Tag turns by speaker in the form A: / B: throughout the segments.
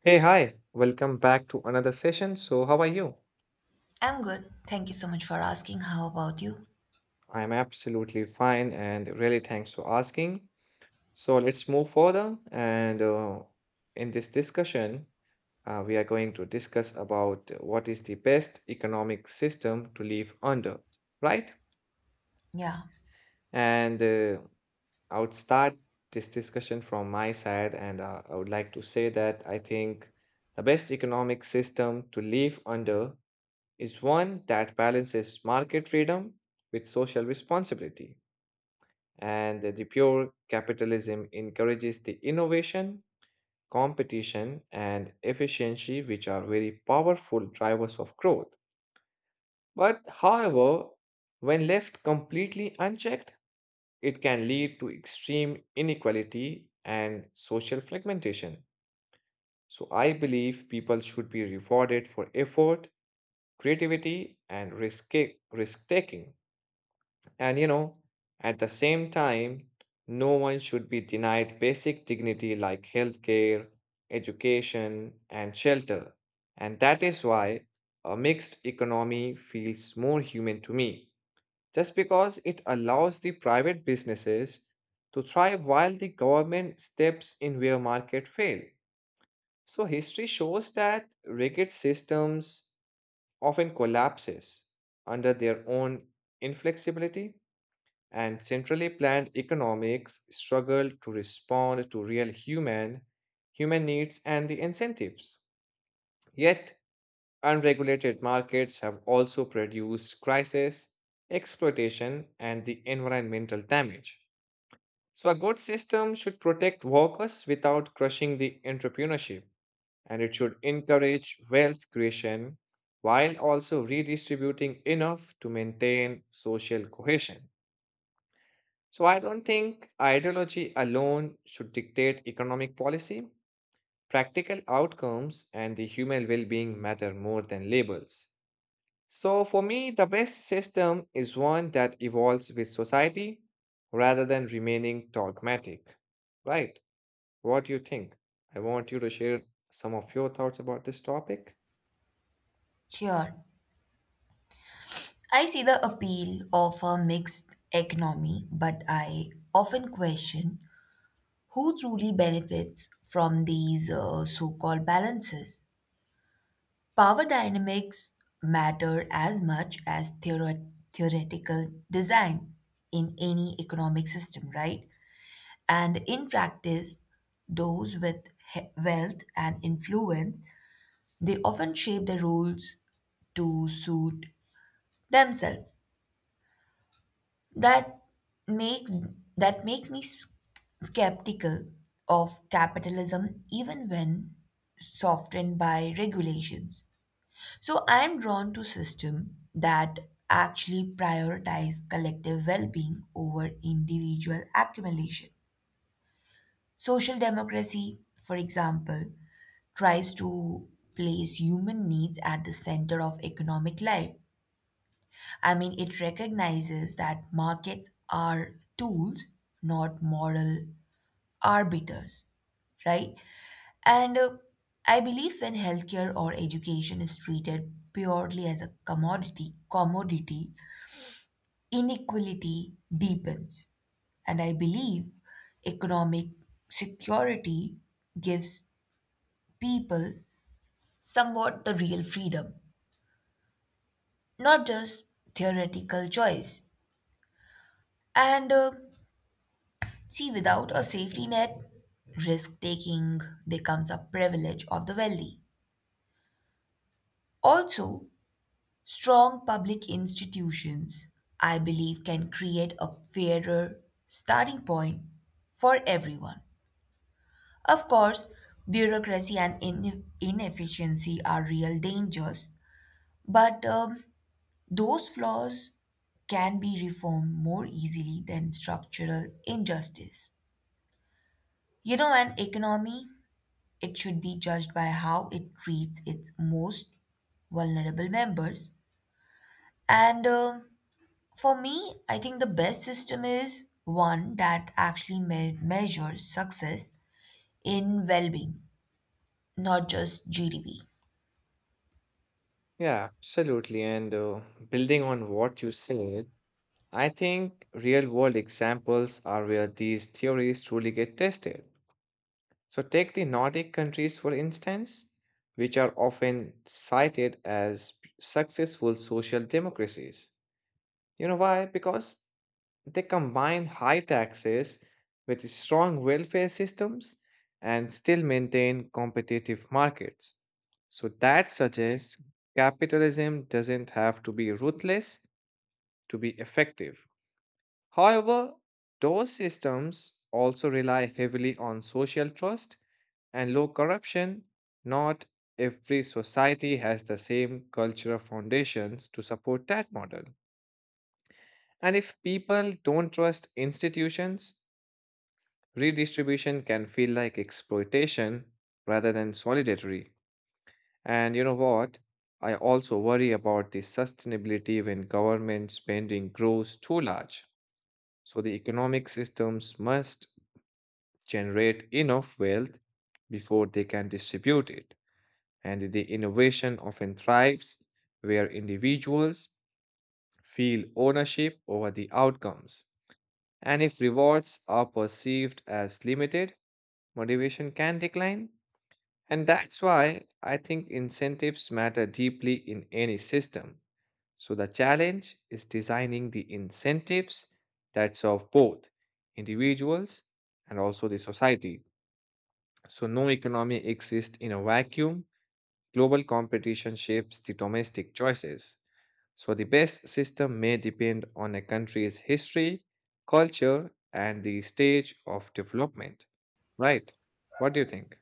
A: Hey, hi, welcome back to another session. So, how are you?
B: I'm good. Thank you so much for asking. How about you?
A: I'm absolutely fine and really thanks for asking. So, let's move further. And in this discussion, we are going to discuss about what is the best economic system to live under, right?
B: Yeah,
A: And I would start this discussion from my side, and I would like to say that I think the best economic system to live under is one that balances market freedom with social responsibility. And the pure capitalism encourages the innovation, competition, and efficiency, which are very powerful drivers of growth. But, however, when left completely unchecked, it can lead to extreme inequality and social fragmentation. So, I believe people should be rewarded for effort, creativity, and risk taking. And at the same time, no one should be denied basic dignity like healthcare, education, and shelter. And that is why a mixed economy feels more human to me, just because it allows the private businesses to thrive while the government steps in where market fail. So history shows that rigid systems often collapses under their own inflexibility, and centrally planned economics struggled to respond to real human needs and the incentives. Yet unregulated markets have also produced crisis, exploitation, and the environmental damage. So a good system should protect workers without crushing the entrepreneurship, and it should encourage wealth creation while also redistributing enough to maintain social cohesion. So I don't think ideology alone should dictate economic policy. Practical outcomes and the human well being matter more than labels. So for me, the best system is one that evolves with society rather than remaining dogmatic. Right? What do you think? I want you to share some of your thoughts about this topic.
B: sure. I see the appeal of a mixed economy, but I often question who truly benefits from these so called balances. Power dynamics matter as much as theoretical design in any economic system, right? And in practice, those with wealth and influence they often shape the rules to suit themselves. That makes that makes me skeptical of capitalism even when softened by regulations. So I am drawn to system that actually prioritize collective well-being over individual accumulation. Social democracy, for example, tries to place human needs at the center of economic life. I mean, it recognizes that markets are tools, not moral arbiters, right? And I believe when healthcare or education is treated purely as a commodity, inequality deepens. And I believe economic security gives people somewhat the real freedom, not just theoretical choice. And See, without a safety net, risk taking becomes a privilege of the wealthy. Also, strong public institutions, I believe, can create a fairer starting point for everyone. Of course, bureaucracy and inefficiency are real dangers, but those flaws can be reformed more easily than structural injustice. You know, an economy, it should be judged by how it treats its most vulnerable members. And For me, I think the best system is one that actually measures success in well being, not just GDP.
A: Yeah, absolutely. And building on what you said, I think real world examples are where these theories truly get tested. So, take the Nordic countries, for instance, which are often cited as successful social democracies. You know why? Because they combine high taxes with strong welfare systems and still maintain competitive markets. So, that suggests capitalism doesn't have to be ruthless to be effective. However, those systems also rely heavily on social trust and low corruption. Not every society has the same cultural foundations to support that model. And if people don't trust institutions, redistribution can feel like exploitation rather than solidarity. And you know what? I also worry about the sustainability when government spending grows too large. So the economic systems must generate enough wealth before they can distribute it. And the innovation often thrives where individuals feel ownership over the outcomes. And if rewards are perceived as limited, motivation can decline. And that's why I think incentives matter deeply in any system. So the challenge is designing the incentives that serve both individuals and also the society. So, no economy exists in a vacuum. Global competition shapes the domestic choices. So, the best system may depend on a country's history, culture, and the stage of development. Right. What do you think?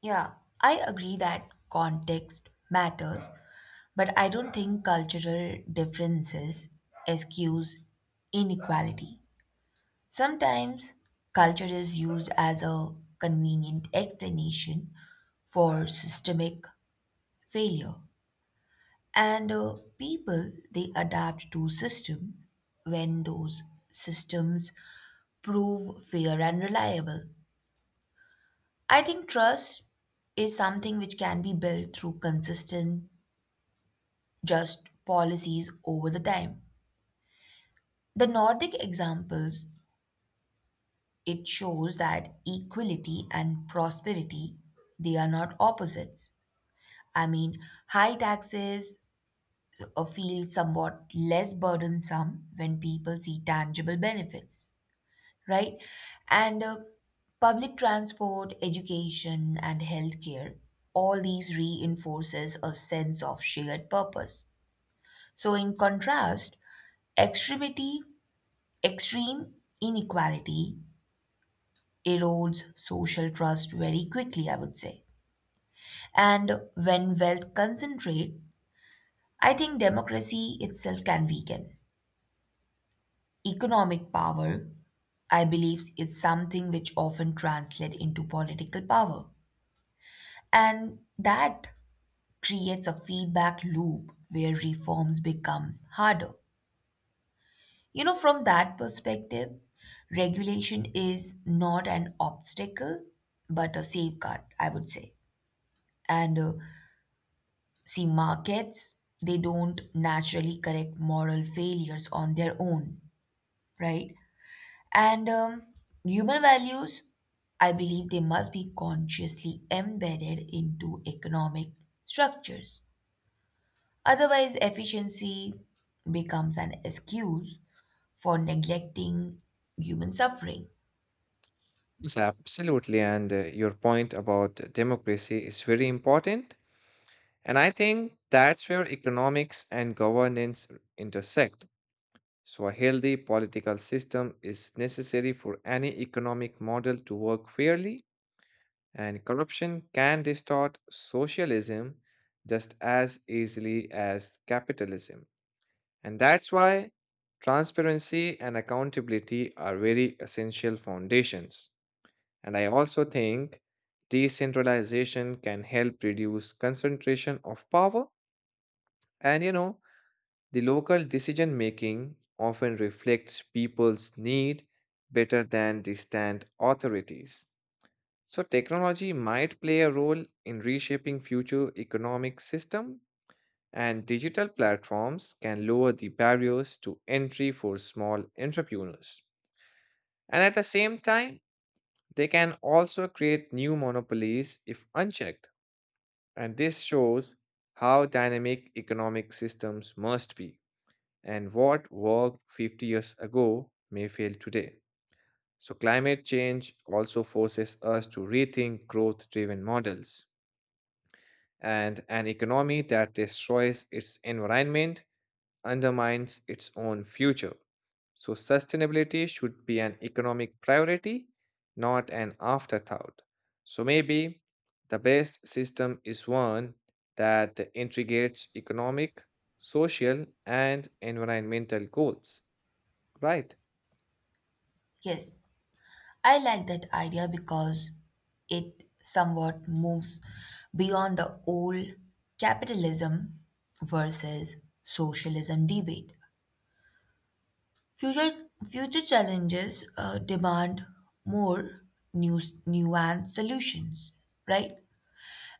B: Yeah, I agree that context matters, but I don't think cultural differences excuse inequality. Sometimes culture is used as a convenient explanation for systemic failure. And People they adapt to systems when those systems prove fair and reliable. I think trust is something which can be built through consistent just policies over the time. The Nordic examples, it shows that equality and prosperity they are not opposites. I mean, high taxes feel somewhat less burdensome when people see tangible benefits, right? And Public transport, education, and healthcare, all these reinforces a sense of shared purpose. So in contrast, extremity, extreme inequality erodes social trust very quickly, I would say. And when wealth concentrate, I think democracy itself can weaken. Economic power, I believe, is something which often translates into political power. And that creates a feedback loop where reforms become harder. You know, from that perspective, regulation is not an obstacle, but a safeguard, I would say. And See, markets, they don't naturally correct moral failures on their own, right? And Human values, I believe they must be consciously embedded into economic structures. Otherwise, efficiency becomes an excuse for neglecting human suffering.
A: Yes, absolutely. And your point about democracy is very important. And I think that's where economics and governance intersect. So, a healthy political system is necessary for any economic model to work fairly, and corruption can distort socialism just as easily as capitalism. And that's why transparency and accountability are very essential foundations. And I also think decentralization can help reduce concentration of power, and, you know, the local decision making often reflects people's need better than the stand authorities. So technology might play a role in reshaping future economic system, and digital platforms can lower the barriers to entry for small entrepreneurs. And at the same time, they can also create new monopolies if unchecked. And this shows how dynamic economic systems must be, and what worked 50 years ago may fail today. So, climate change also forces us to rethink growth driven models. And an economy that destroys its environment undermines its own future. So, sustainability should be an economic priority, not an afterthought. So, maybe the best system is one that integrates economic, social, and environmental goals. Right.
B: Yes, I like that idea because it somewhat moves beyond the old capitalism versus socialism debate. Future challenges demand more new, nuanced solutions, right?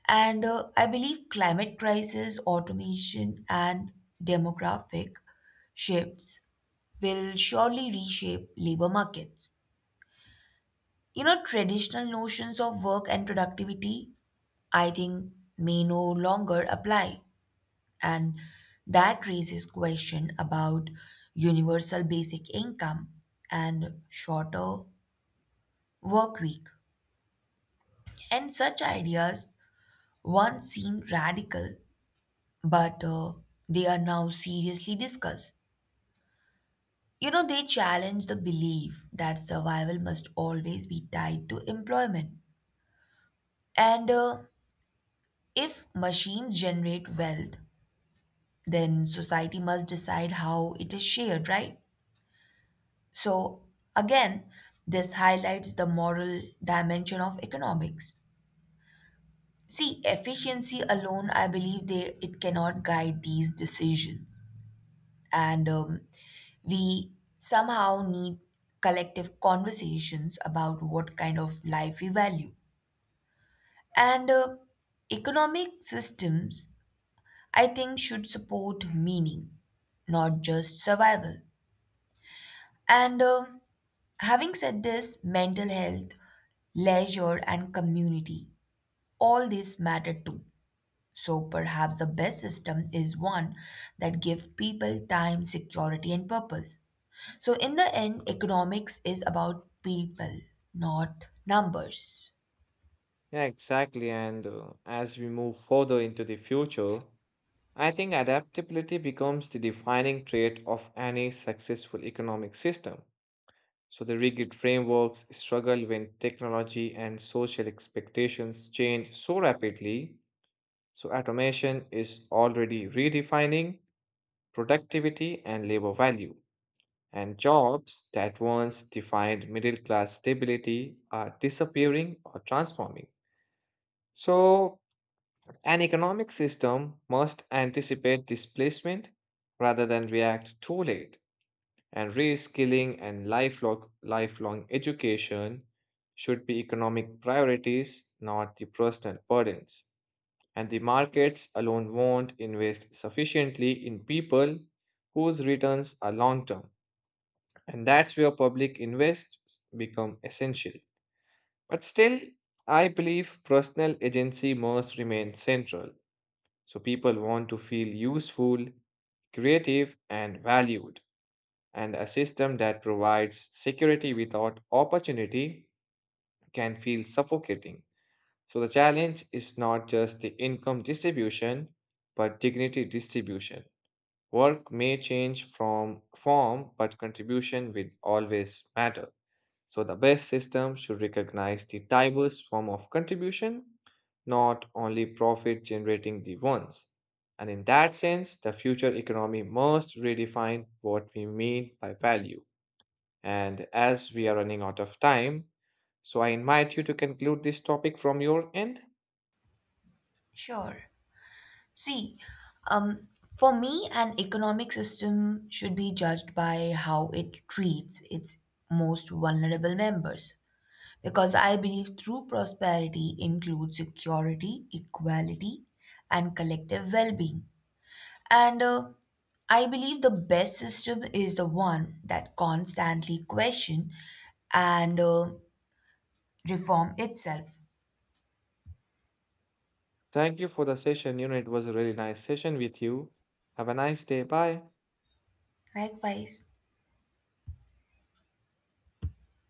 B: And I believe climate crisis, automation, and demographic shifts will surely reshape labor markets. You know, traditional notions of work and productivity, I think, may no longer apply. And that raises question about universal basic income and shorter work week. And such ideas once seemed radical, but they are now seriously discussed. You know, they challenge the belief that survival must always be tied to employment. And If machines generate wealth, then society must decide how it is shared, right? So, again, this highlights the moral dimension of economics. See, efficiency alone, I believe it cannot guide these decisions. And We somehow need collective conversations about what kind of life we value. And Economic systems, I think, should support meaning, not just survival. And Having said this, mental health, leisure, and community, all this matter too. So perhaps the best system is one that gives people time, security, and purpose. So, in the end, economics is about people, not numbers.
A: Yeah, exactly. And as we move further into the future, I think adaptability becomes the defining trait of any successful economic system. So the rigid frameworks struggle when technology and social expectations change so rapidly. So automation is already redefining productivity and labor value. And jobs that once defined middle class stability are disappearing or transforming. So, an economic system must anticipate displacement rather than react too late, and reskilling and lifelong education should be economic priorities, not the personal burdens. And the markets alone won't invest sufficiently in people whose returns are long term. And that's where public invests become essential. But still, I believe personal agency must remain central. So people want to feel useful, creative, and valued. And a system that provides security without opportunity can feel suffocating. So the challenge is not just the income distribution, but dignity distribution. Work may change from form, but contribution will always matter. So the best system should recognize the diverse form of contribution, not only profit generating the ones. And in that sense, the future economy must redefine what we mean by value. And as we are running out of time, so I invite you to conclude this topic from your end.
B: Sure. See, um, for me, an economic system should be judged by how it treats its most vulnerable members. Because I believe true prosperity includes security, equality, and collective well being. And I believe the best system is the one that constantly question and reform itself.
A: Thank you for the session. You know, it was a really nice session with you. Have a nice day. Bye.
B: Likewise,